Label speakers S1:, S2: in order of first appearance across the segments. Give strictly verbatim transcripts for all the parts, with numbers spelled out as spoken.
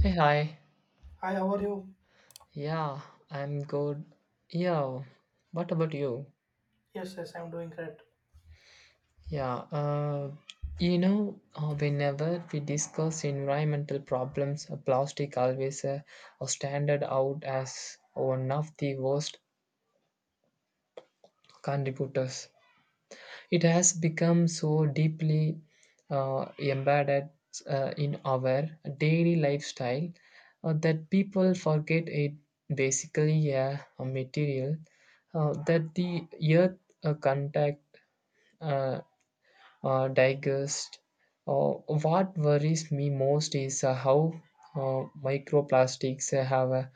S1: Hey, hi.
S2: Hi, how are you?
S1: Yeah, I'm good. Yeah, what about you?
S2: Yes, yes, I'm doing great.
S1: Yeah, uh, you know, uh, whenever we discuss environmental problems, uh, plastic always uh, are standard out as one of the worst contributors. It has become so deeply uh, embedded uh, in our daily lifestyle uh, that people forget it basically a, a material uh, that the earth uh, contact uh, uh, digest. Uh, what worries me most is uh, how uh, microplastics have uh,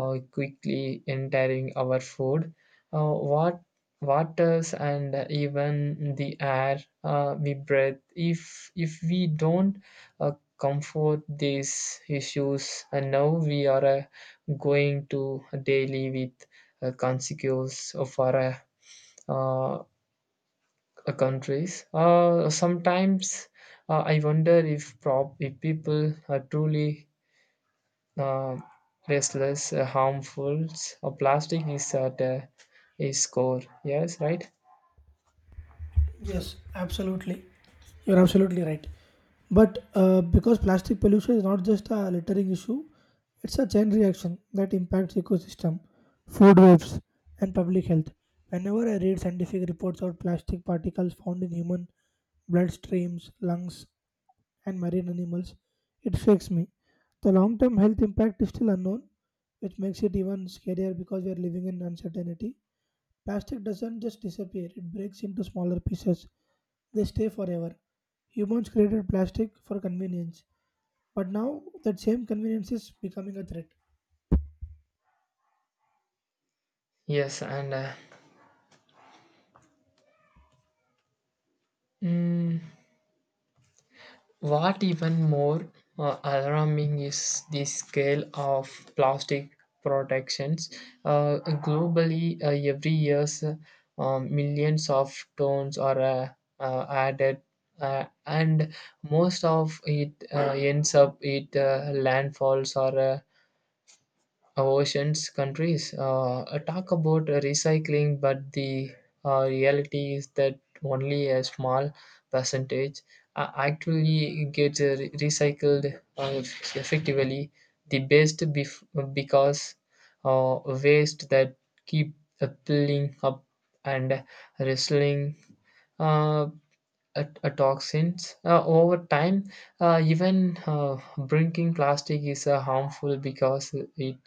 S1: uh, quickly entering our food, uh, what waters, and even the air uh, we breathe. If if we don't uh, comfort these issues, and now we are uh, going to daily with uh, consequences of our uh, uh, countries. Uh, sometimes uh, I wonder if, prop- if people are truly uh, restless, uh, harmful. Uh, plastic is at uh, its core. Yes, right?
S2: Yes, absolutely. You're absolutely right. But uh, because plastic pollution is not just a littering issue, it's a chain reaction that impacts ecosystem, food webs, and public health. Whenever I read scientific reports on plastic particles found in human bloodstreams, lungs, and marine animals, it shakes me. The long-term health impact is still unknown, which makes it even scarier because we are living in uncertainty. Plastic doesn't just disappear, it breaks into smaller pieces. They stay forever. Humans created plastic for convenience, but now that same convenience is becoming a threat.
S1: Yes, and uh, mm, what even more uh, alarming is the scale of plastic protections. Uh, Globally, uh, every year, um, millions of tons are uh, uh, added, uh, and most of it uh, ends up at uh, landfalls or uh, oceans countries uh, uh, talk about uh, recycling, but the uh, reality is that only a small percentage uh, actually gets uh, re- recycled uh, eff- effectively the best bef- because uh, waste that keep uh, piling up and wrestling at- uh, toxins. Uh, over time, uh, even uh, drinking plastic is uh, harmful because it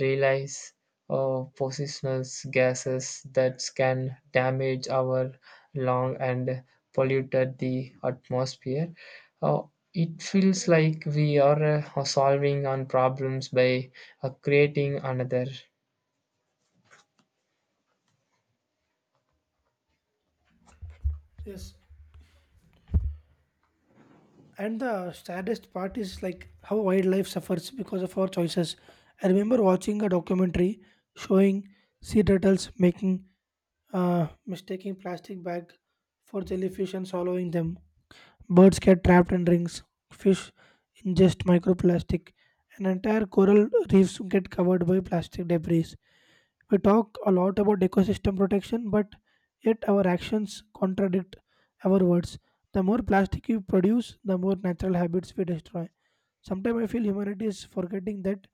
S1: relies uh, positional gases that can damage our lung and polluted the atmosphere. Uh, it feels like we are uh, solving on problems by uh, creating another.
S2: Yes. And the saddest part is like how wildlife suffers because of our choices. I remember watching a documentary showing sea turtles making uh, mistaking plastic bag for jellyfish and swallowing them. Birds get trapped in rings, fish ingest microplastic, and entire coral reefs get covered by plastic debris. We talk a lot about ecosystem protection, but yet our actions contradict our words. The more plastic we produce, the more natural habits we destroy. Sometimes I feel humanity is forgetting that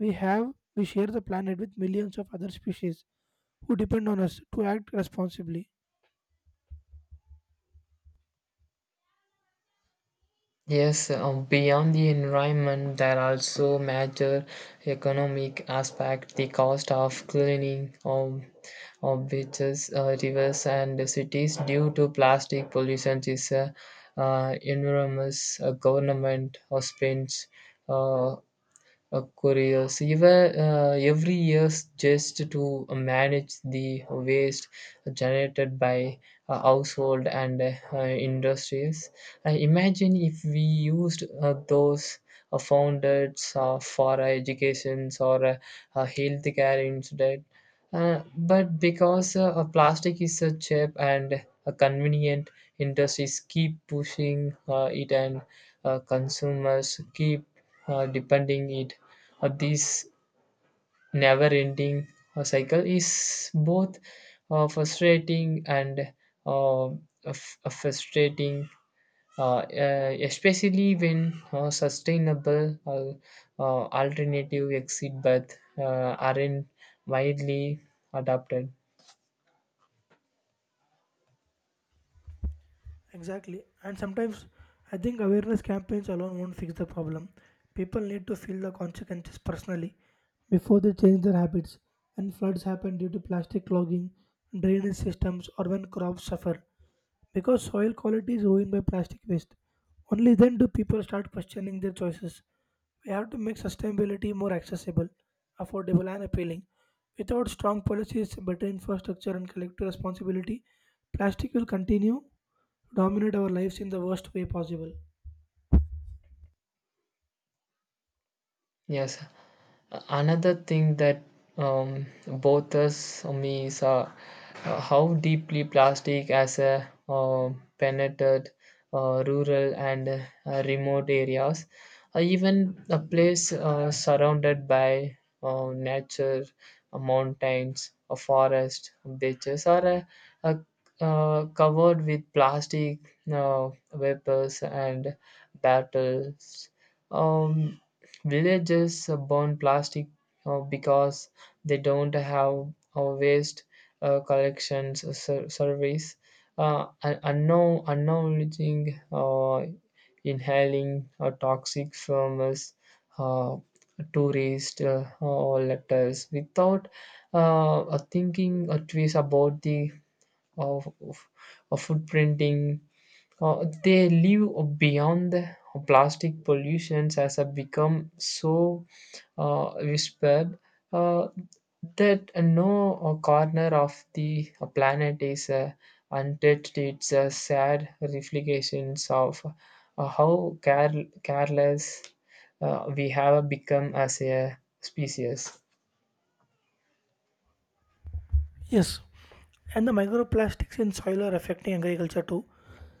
S2: we have we share the planet with millions of other species who depend on us to act responsibly.
S1: Yes, um, beyond the environment, there are also major economic aspect. The cost of cleaning of, of beaches, uh, rivers, and cities due to plastic pollution is uh, uh, enormous. Uh, government uh, spends uh, uh, couriers ever, uh, every year just to manage the waste generated by uh, household and uh, industries. Uh, imagine if we used uh, those uh, founded uh, for uh, educations or uh, uh, healthcare instead. Uh, but because uh, uh, plastic is so cheap and uh, convenient, industries keep pushing uh, it and uh, consumers keep uh, depending it, uh, this never ending uh, cycle is both uh, frustrating and uh, f- uh, frustrating, uh, uh, especially when uh, sustainable uh, uh, alternative exit paths uh, aren't widely adopted.
S2: Exactly. And sometimes I think awareness campaigns alone won't fix the problem. People need to feel the consequences personally before they change their habits. When floods happen due to plastic clogging, drainage systems, or when crops suffer, because soil quality is ruined by plastic waste, only then do people start questioning their choices. We have to make sustainability more accessible, affordable, and appealing. Without strong policies, better infrastructure, and collective responsibility, plastic will continue to dominate our lives in the worst way possible.
S1: Yes. Another thing that um, bothers me is uh, uh, how deeply plastic has uh, uh, penetrated uh, rural and uh, remote areas. Uh, even a place uh, surrounded by uh, nature, uh, mountains, a forest, beaches are uh, uh, uh, covered with plastic uh, vapors and battles. Um, Villagers burn plastic uh, because they don't have a waste uh, collections ser- service. Uh, un- unknown, unknowledging, uh, inhaling uh, toxic fumes, uh, tourist uh, uh, letters without uh, uh, thinking uh, twice about the uh, of f- uh, footprinting uh, they live beyond the plastic pollutions has have become so uh, whispered, uh, that no uh, corner of the uh, planet is uh, untouched. It's a sad reflections of uh, how care- careless uh, we have become as a species.
S2: Yes, and the microplastics in soil are affecting agriculture too.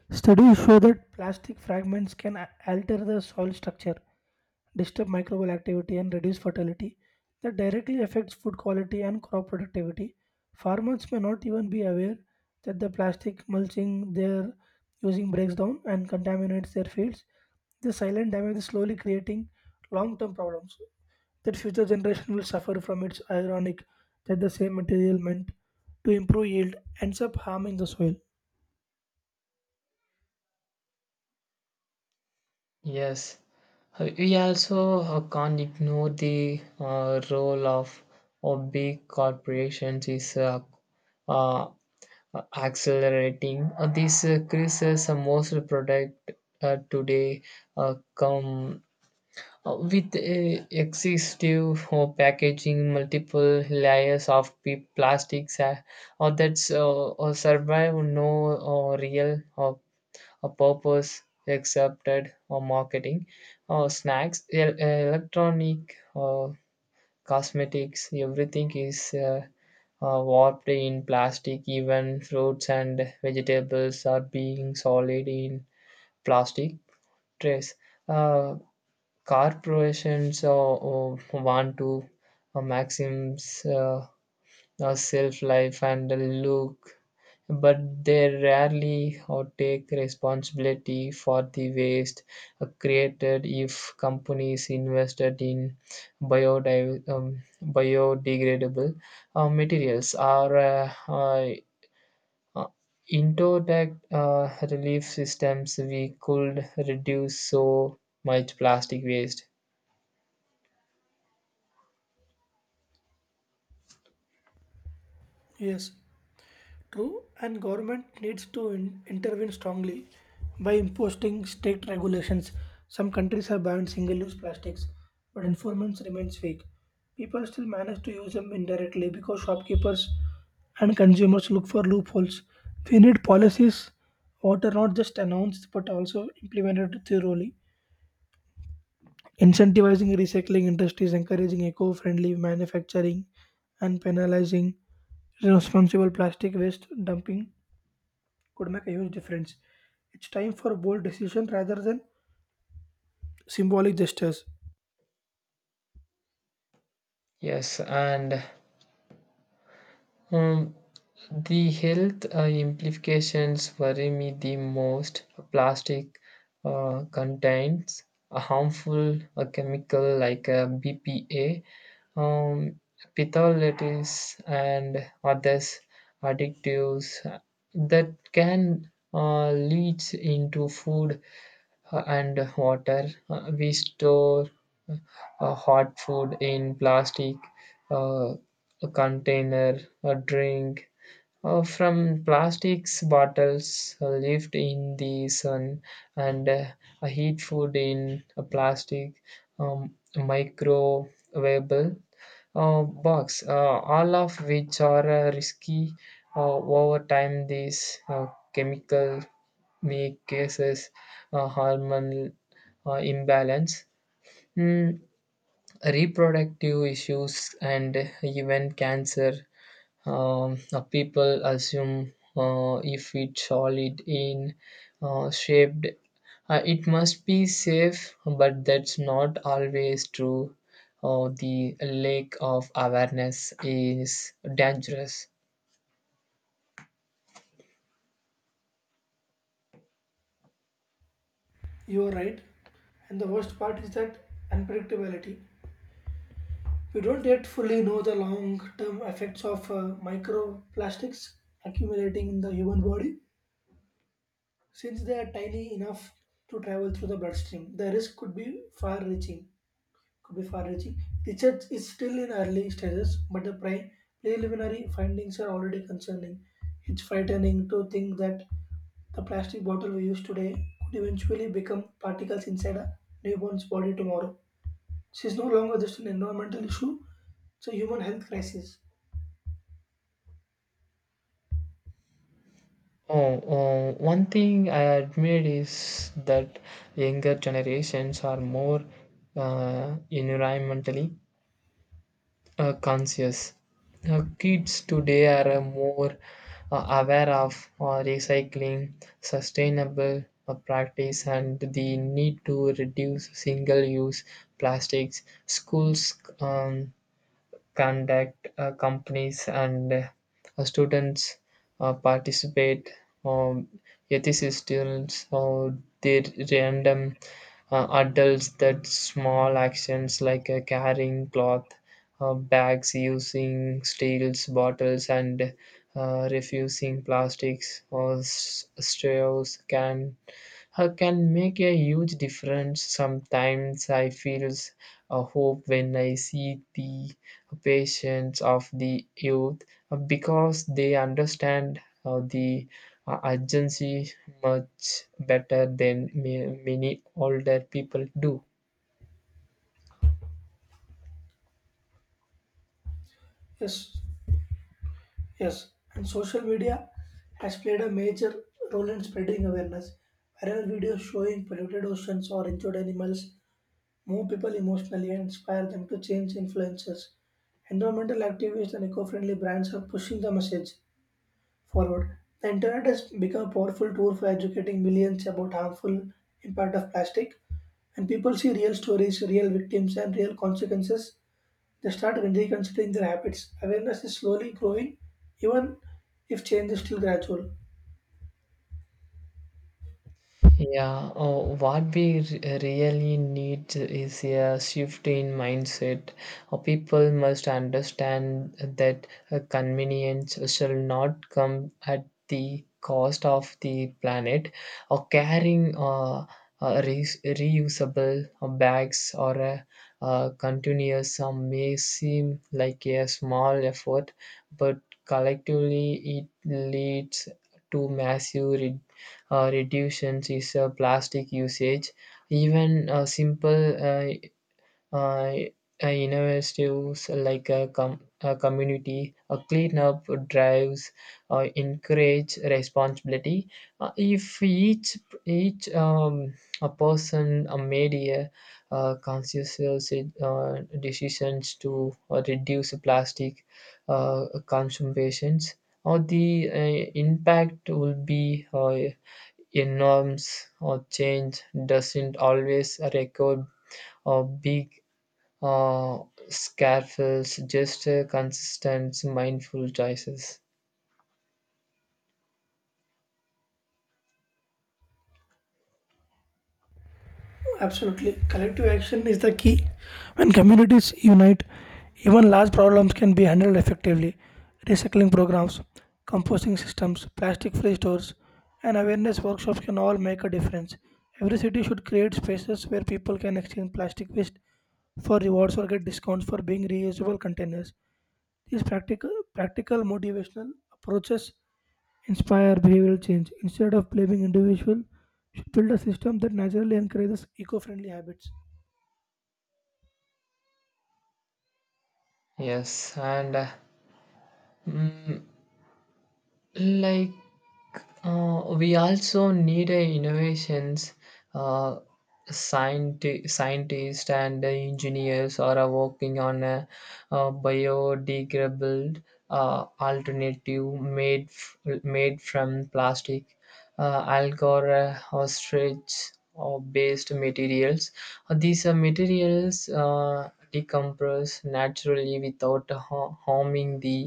S2: Studies show that plastic fragments can a- alter the soil structure, disturb microbial activity, and reduce fertility. That directly affects food quality and crop productivity. Farmers may not even be aware that the plastic mulching they're using breaks down and contaminates their fields. The silent damage is slowly creating long term problems that future generation will suffer from. It's ironic that the same material meant to improve yield ends up harming the soil.
S1: Yes. Uh, we also uh, can't ignore the uh, role of of big corporations is uh, uh, accelerating. Uh, these uh, crises, uh, most product uh, today uh, come uh, with uh, excessive uh, packaging, multiple layers of p- plastics, uh, or that's uh, or survive no uh, real uh, a purpose accepted or marketing or snacks el- electronic or cosmetics, everything is uh, uh, warped in plastic. Even fruits and vegetables are being solid in plastic trays. uh, Corporations uh, uh, want to uh, maximize uh, uh, self life and look, but they rarely or take responsibility for the waste uh, created. If companies invested in biodiv- um, biodegradable uh, materials or uh, uh, uh, indoor uh, relief systems, we could reduce so much plastic waste.
S2: Yes, true. And government needs to in- intervene strongly by imposing strict regulations. Some countries have banned single-use plastics, but enforcement remains weak. People still manage to use them indirectly because shopkeepers and consumers look for loopholes. We need policies what are not just announced but also implemented thoroughly. Incentivizing recycling industries, encouraging eco-friendly manufacturing, and penalizing responsible plastic waste dumping could make a huge difference. It's time for bold decision rather than symbolic gestures.
S1: Yes, and Um, the health uh, implications worry me the most. Plastic uh, contains a harmful uh, chemical like uh, B P A, um, petholatives, and others additives that can uh, leach into food uh, and water. Uh, we store uh, hot food in plastic uh, container, a drink uh, from plastics bottles uh, left in the sun and uh, heat food in a plastic um, microwavable uh, box, uh, all of which are uh, risky. Uh, over time these uh, chemical make cases uh, hormonal uh, imbalance, mm, reproductive issues, and even cancer. Um, uh, people assume uh, if it's solid in uh, shaped uh, it must be safe, but that's not always true. Uh, the lack of awareness is dangerous.
S2: You are right. And the worst part is that unpredictability. We don't yet fully know the long term effects of uh, microplastics accumulating in the human body. Since they are tiny enough to travel through the bloodstream, the risk could be far reaching. Could be far-reaching. The search is still in early stages, but the pri- preliminary findings are already concerning. It's frightening to think that the plastic bottle we use today could eventually become particles inside a newborn's body tomorrow. This is no longer just an environmental issue, it's a human health crisis.
S1: Oh, oh, One thing I admit is that younger generations are more uh, environmentally uh, conscious. Uh, kids today are uh, more uh, aware of uh, recycling, sustainable uh, practice, and the need to reduce single use plastics. Schools um, conduct, uh, companies and uh, students uh, participate. Um, Ethicist students or the random uh, adults that small actions like uh, carrying cloth uh, bags, using steels bottles, and uh, refusing plastics or s- straws can uh, can make a huge difference. Sometimes I feel a hope when I see the patience of the youth uh, because they understand uh, the uh, urgency much better than ma- many older people do.
S2: Yes, yes. And social media has played a major role in spreading awareness. Viral videos showing polluted oceans or injured animals move people emotionally and inspire them to change influences. Environmental activists and eco-friendly brands are pushing the message forward. The internet has become a powerful tool for educating millions about harmful impact of plastic. And people see real stories, real victims, and real consequences. They start reconsidering their habits. Awareness is slowly growing, even if change is still gradual.
S1: Yeah. Oh, what we re- really need is a shift in mindset. Uh, people must understand that uh, convenience shall not come at the cost of the planet. Or carrying uh, uh, re- reusable uh, bags or a uh, continuous uh, may seem like a small effort, but collectively it leads to massive uh, reductions is uh, plastic usage. Even uh, simple uh, uh, uh, initiatives like a, com- a community a cleanup drives uh, encourage responsibility. Uh, if each each um, a person uh, made a uh, conscious uh, decisions to uh, reduce plastic uh, consumptions or the uh, impact will be uh, a norms or change doesn't always record or big uh, scaffolds, just uh, consistent, mindful choices.
S2: Absolutely. Collective action is the key. When communities unite, even large problems can be handled effectively. Recycling programs, composting systems, plastic free stores, and awareness workshops can all make a difference. Every city should create spaces where people can exchange plastic waste for rewards or get discounts for being reusable containers. These practical, practical motivational approaches inspire behavioral change. Instead of blaming individual, should build a system that naturally encourages eco-friendly habits.
S1: Yes, and uh, mm, like Uh, we also need a innovations. uh, scienti- Scientists and engineers are working on a, uh biodegradable uh, alternative made f- made from plastic, uh, algar, uh, ostrich or based materials. Uh, these uh, materials uh, decompress naturally without ha- harming the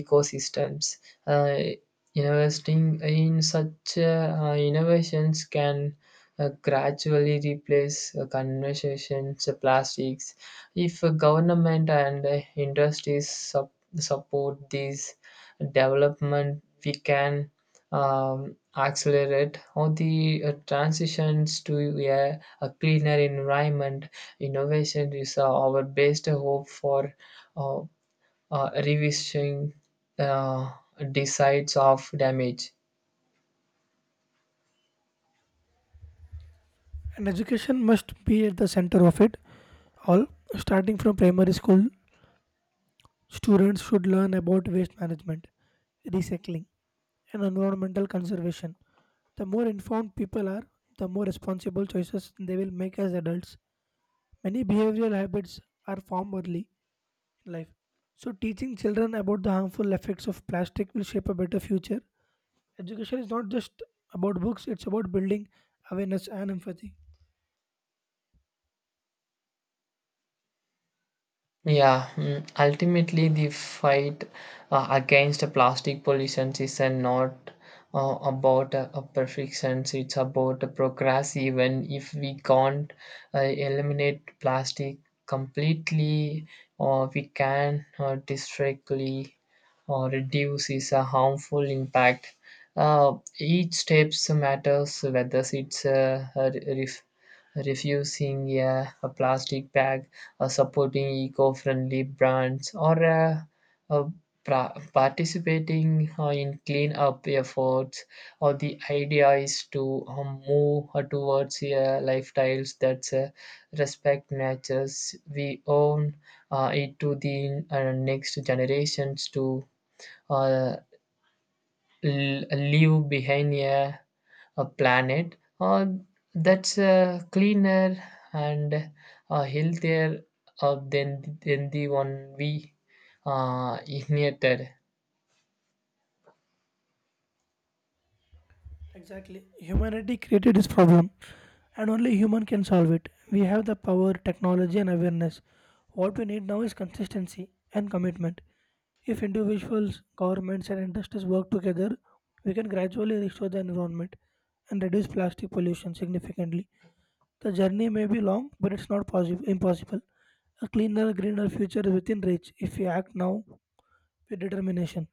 S1: ecosystems. uh, Investing in such uh, innovations can uh, gradually replace uh, conversations, uh, plastics. If uh, government and uh, industries sup- support these development, we can um, accelerate all the uh, transitions to a, a cleaner environment. Innovation is uh, our best hope for uh, uh, revising uh, decides of damage.
S2: And education must be at the center of it all. Starting from primary school, students should learn about waste management, recycling, and environmental conservation. The more informed people are, the more responsible choices they will make as adults. Many behavioral habits are formed early in life. So, teaching children about the harmful effects of plastic will shape a better future. Education is not just about books, it's about building awareness and empathy.
S1: Yeah. Mm, ultimately the fight uh, against plastic pollution is uh, not uh, about uh, a perfection, it's about a progress. Even if we can't uh, eliminate plastic completely, or we can uh, discreetly or reduce is a harmful impact. Uh, each steps matters whether it's uh, a ref- refusing a, a plastic bag, uh, supporting eco-friendly brands, or uh, uh, pra- participating uh, in clean-up efforts. Or the idea is to um, move uh, towards uh, lifestyles that uh, respect nature's we own uh, it to the uh, next generations to uh, l- leave behind a, a planet uh, that's uh, cleaner and uh, healthier uh, than, than the one we uh, inherited.
S2: Exactly. Humanity created this problem, and only human can solve it. We have the power, technology, and awareness. What we need now is consistency and commitment. If individuals, governments, and industries work together, we can gradually restore the environment and reduce plastic pollution significantly. The journey may be long, but it's not possible, impossible. A cleaner, greener future is within reach if we act now with determination.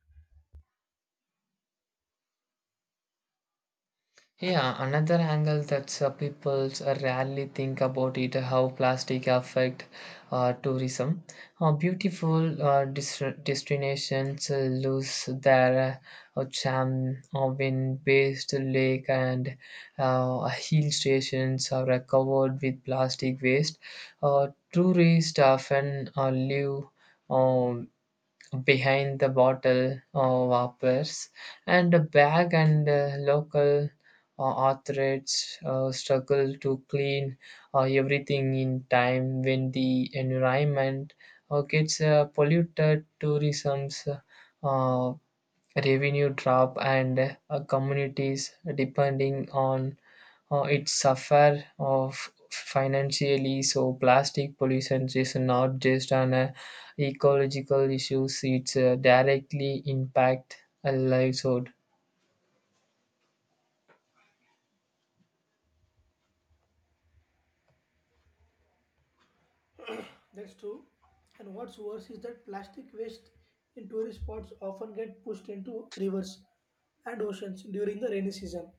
S1: Yeah, another angle that uh, people uh, rarely think about it how plastic affect uh, tourism. Uh, beautiful uh, dis- destinations uh, lose their uh, charm uh, when based lake and uh, hill stations are uh, covered with plastic waste. Uh, tourists often uh, live um, behind the bottle uh, whoppers and a bag, and uh, local uh, authorities uh, struggle to clean uh, everything in time. When the environment uh, gets uh, polluted, tourism's uh, revenue drop and uh, communities depending on uh, it suffer of financially. So plastic pollution is not just an uh, ecological issues, it's uh, directly impact a livelihood.
S2: That's true. And what's worse is that plastic waste in tourist spots often get pushed into rivers and oceans during the rainy season.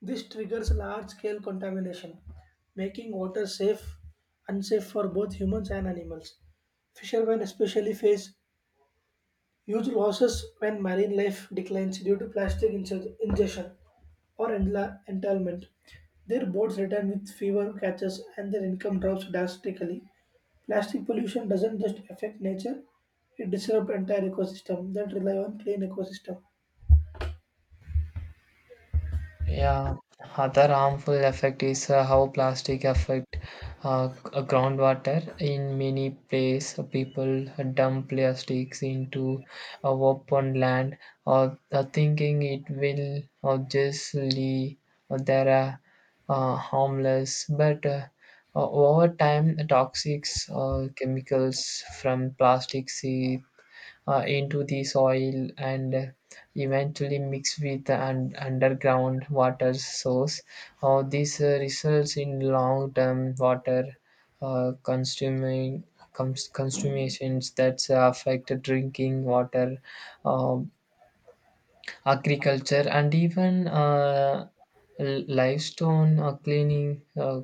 S2: This triggers large-scale contamination, making water safe unsafe for both humans and animals. Fishermen especially face huge losses when marine life declines due to plastic inge- ingestion or entla- entanglement. Their boats return with fewer catches and their income drops drastically. Plastic pollution doesn't just affect nature, it disrupts entire ecosystem that rely on clean ecosystem.
S1: Yeah, other harmful effect is uh, how plastic affect uh, g- uh, groundwater. In many places, people dump plastics into uh, open land, or uh, thinking it will or just leave or there are uh, harmless. But uh, o- over time, the toxics or chemicals from plastics uh, into the soil and uh, eventually mix with an underground water source. Uh, this uh, results in long-term water uh, consuming cons- consumations that affect drinking water, uh, agriculture, and even uh, l- limestone uh, cleaning. Uh,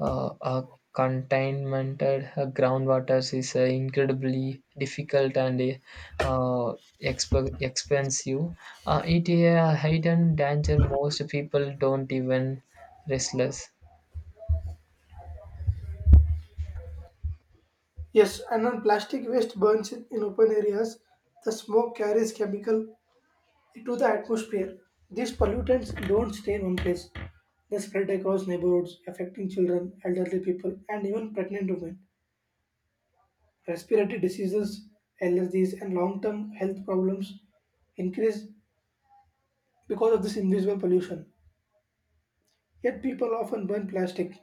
S1: uh, uh, Contaminated uh, groundwaters is uh, incredibly difficult and uh, exp- expensive. Uh, it is a hidden danger most people don't even realize.
S2: Yes, and when plastic waste burns in in open areas, the smoke carries chemical into the atmosphere. These pollutants don't stay in one place. They spread across neighborhoods, affecting children, elderly people, and even pregnant women. Respiratory diseases, allergies, and long term health problems increase because of this invisible pollution. Yet people often burn plastic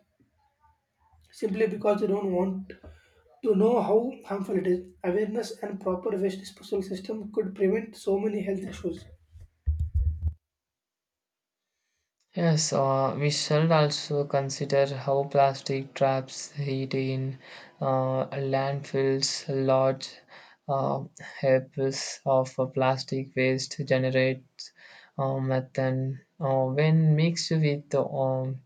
S2: simply because they don't want to know how harmful it is. Awareness and proper waste disposal system could prevent so many health issues.
S1: Yes, uh, we should also consider how plastic traps heat in uh, landfills. Large uh, heaps of uh, plastic waste generates uh, methane uh, when mixed with um,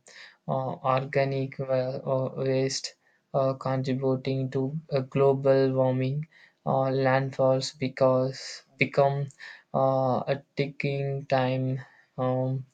S1: uh, organic wa- uh, waste, uh, contributing to uh, global warming. Uh, landfalls because become uh, a ticking time um,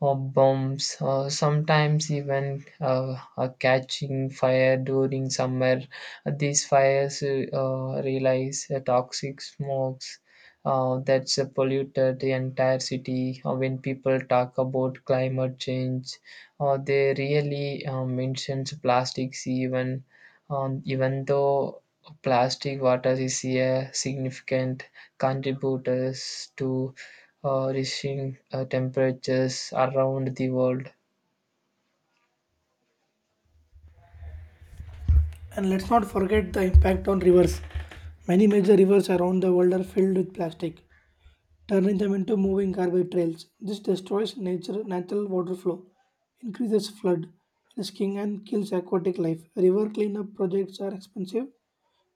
S1: or bombs, uh, sometimes even uh, uh, catching fire during summer. These fires uh, release uh, toxic smokes uh, that's uh, polluted the entire city. Uh, when people talk about climate change, uh, they really uh, mentions plastics even um, even though plastic water is a significant contributors to uh, reaching uh, temperatures around the world.
S2: And let's not forget the impact on rivers. Many major rivers around the world are filled with plastic, turning them into moving garbage trails. This destroys nature, natural water flow, increases flood risking, and kills aquatic life. River cleanup projects are expensive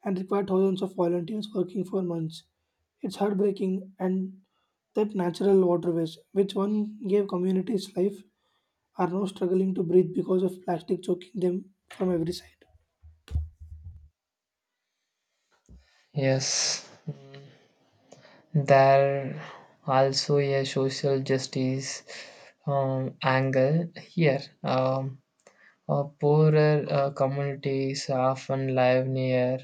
S2: and require thousands of volunteers working for months. It's heartbreaking and that natural waterways, which one gave communities life, are now struggling to breathe because of plastic choking them from every side.
S1: Yes, mm, there also a social justice um, angle here. Um, uh, poorer uh, communities often live near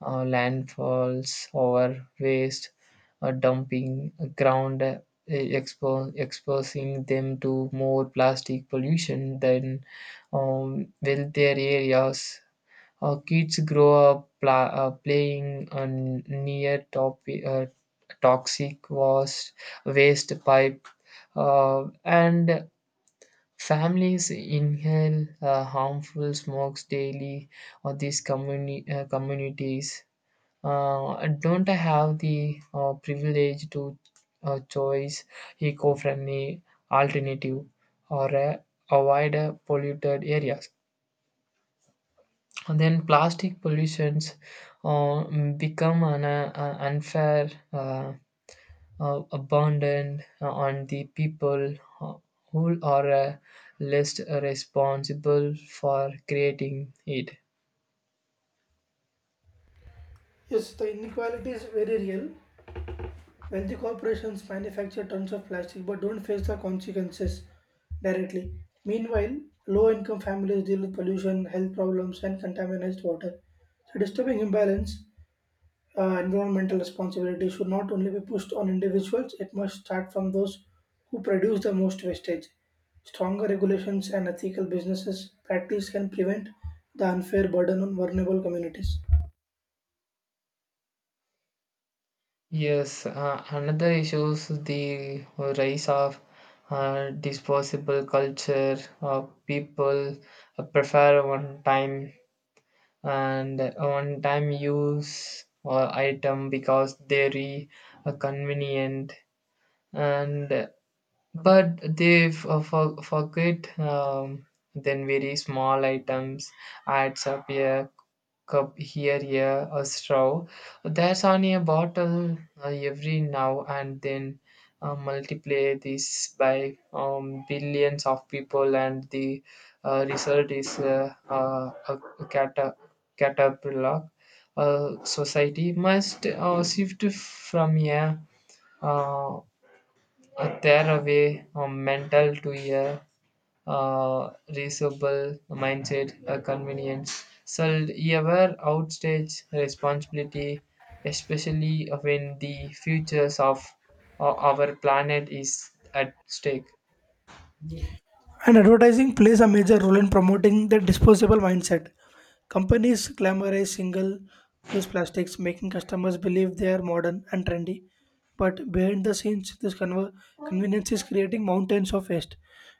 S1: uh, landfalls or waste uh, dumping ground, uh, expo- exposing them to more plastic pollution than um, wealthier areas. Uh, kids grow up pla- uh, playing uh, near top- uh, toxic was- waste pipe, uh, and families inhale uh, harmful smokes daily. Or these communi- uh, communities uh, don't have the uh, privilege to uh, choose eco-friendly alternative or uh, avoid uh, polluted areas. And then plastic pollutions uh, become an uh, uh, unfair uh, uh, abandon on the people uh, who are uh, least responsible for creating it.
S2: Yes, the inequality is very real. Wealthy corporations manufacture tons of plastic but don't face the consequences directly. Meanwhile, low income families deal with pollution, health problems, and contaminated water. So, disturbing imbalance, uh, environmental responsibility should not only be pushed on individuals, it must start from those who produce the most wastage. Stronger regulations and ethical businesses practice can prevent the unfair burden on vulnerable communities.
S1: Yes, uh, another issue is the rise of uh, disposable culture. Uh, people uh, prefer one time and one time use or item because they are convenient, and but they f- uh, for- forget um, then very small items adds up. A cup here, here a straw, that's only a bottle uh, every now and then. Uh, multiply this by um, billions of people, and the uh, result is uh, uh, a cata- caterpillar. Uh, society must uh, shift from here uh, uh, tear away a mental to a uh, reasonable mindset, a convenience. So ever outstage responsibility, especially when the futures of uh, our planet is at stake.
S2: And advertising plays a major role in promoting the disposable mindset. Companies glamorize single use plastics, making customers believe they are modern and trendy. But behind the scenes, this conver- convenience is creating mountains of waste.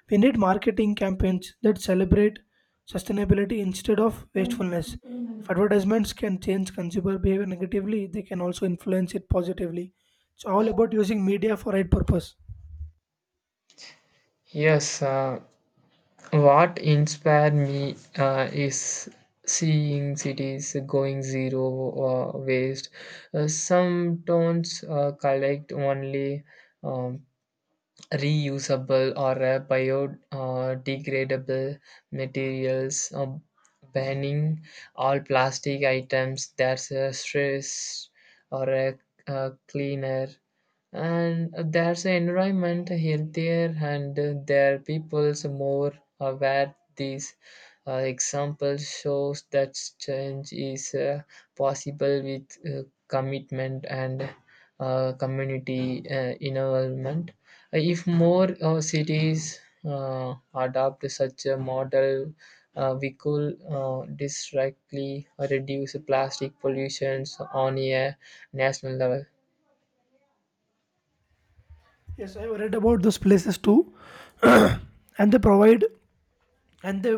S2: We need marketing campaigns that celebrate sustainability instead of wastefulness. If advertisements can change consumer behavior negatively, they can also influence it positively. It's all about using media for right purpose.
S1: Yes, uh, what inspired me uh, is seeing cities going zero uh, waste. Uh, some towns uh, collect only um, reusable or uh, biodegradable materials, um, banning all plastic items that's a stress or a, uh cleaner, and there's an environment healthier and uh, their people's more aware. These uh, examples shows that change is uh, possible with uh, commitment and uh, community uh, involvement. If more uh, cities uh, adopt such a model, uh, we could uh, directly reduce plastic pollutions on a national level.
S2: Yes, I've read about those places too, and they provide and they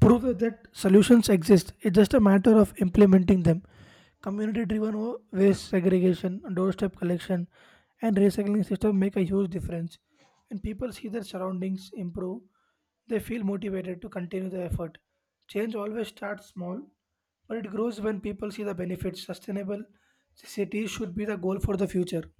S2: prove that solutions exist. It's just a matter of implementing them. Community-driven wa- waste segregation, doorstep collection, and recycling system make a huge difference. When people see their surroundings improve, they feel motivated to continue the effort. Change always starts small, but it grows when people see the benefits. Sustainable cities should be the goal for the future.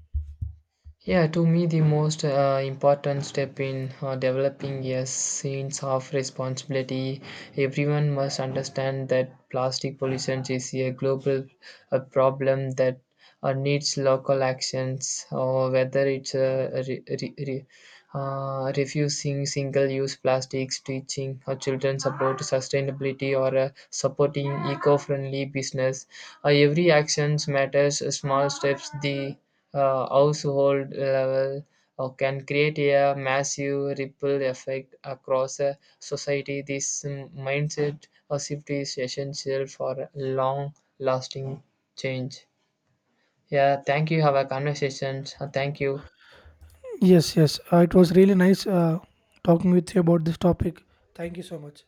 S1: Yeah, to me, the most uh, important step in uh, developing a sense of responsibility, everyone must understand that plastic pollution is a global uh, problem that uh, needs local actions, or whether it's uh, re- re- re- uh, refusing single-use plastics, teaching uh, children about sustainability, or uh, supporting eco-friendly business. Uh, every actions matters. Small steps, the uh, household level or can create a massive ripple effect across a society. This mm, mindset or shift is essential for long lasting change. Yeah, thank you. Have a conversation. Thank you.
S2: Yes, yes. Uh, it was really nice uh, talking with you about this topic. Thank you so much.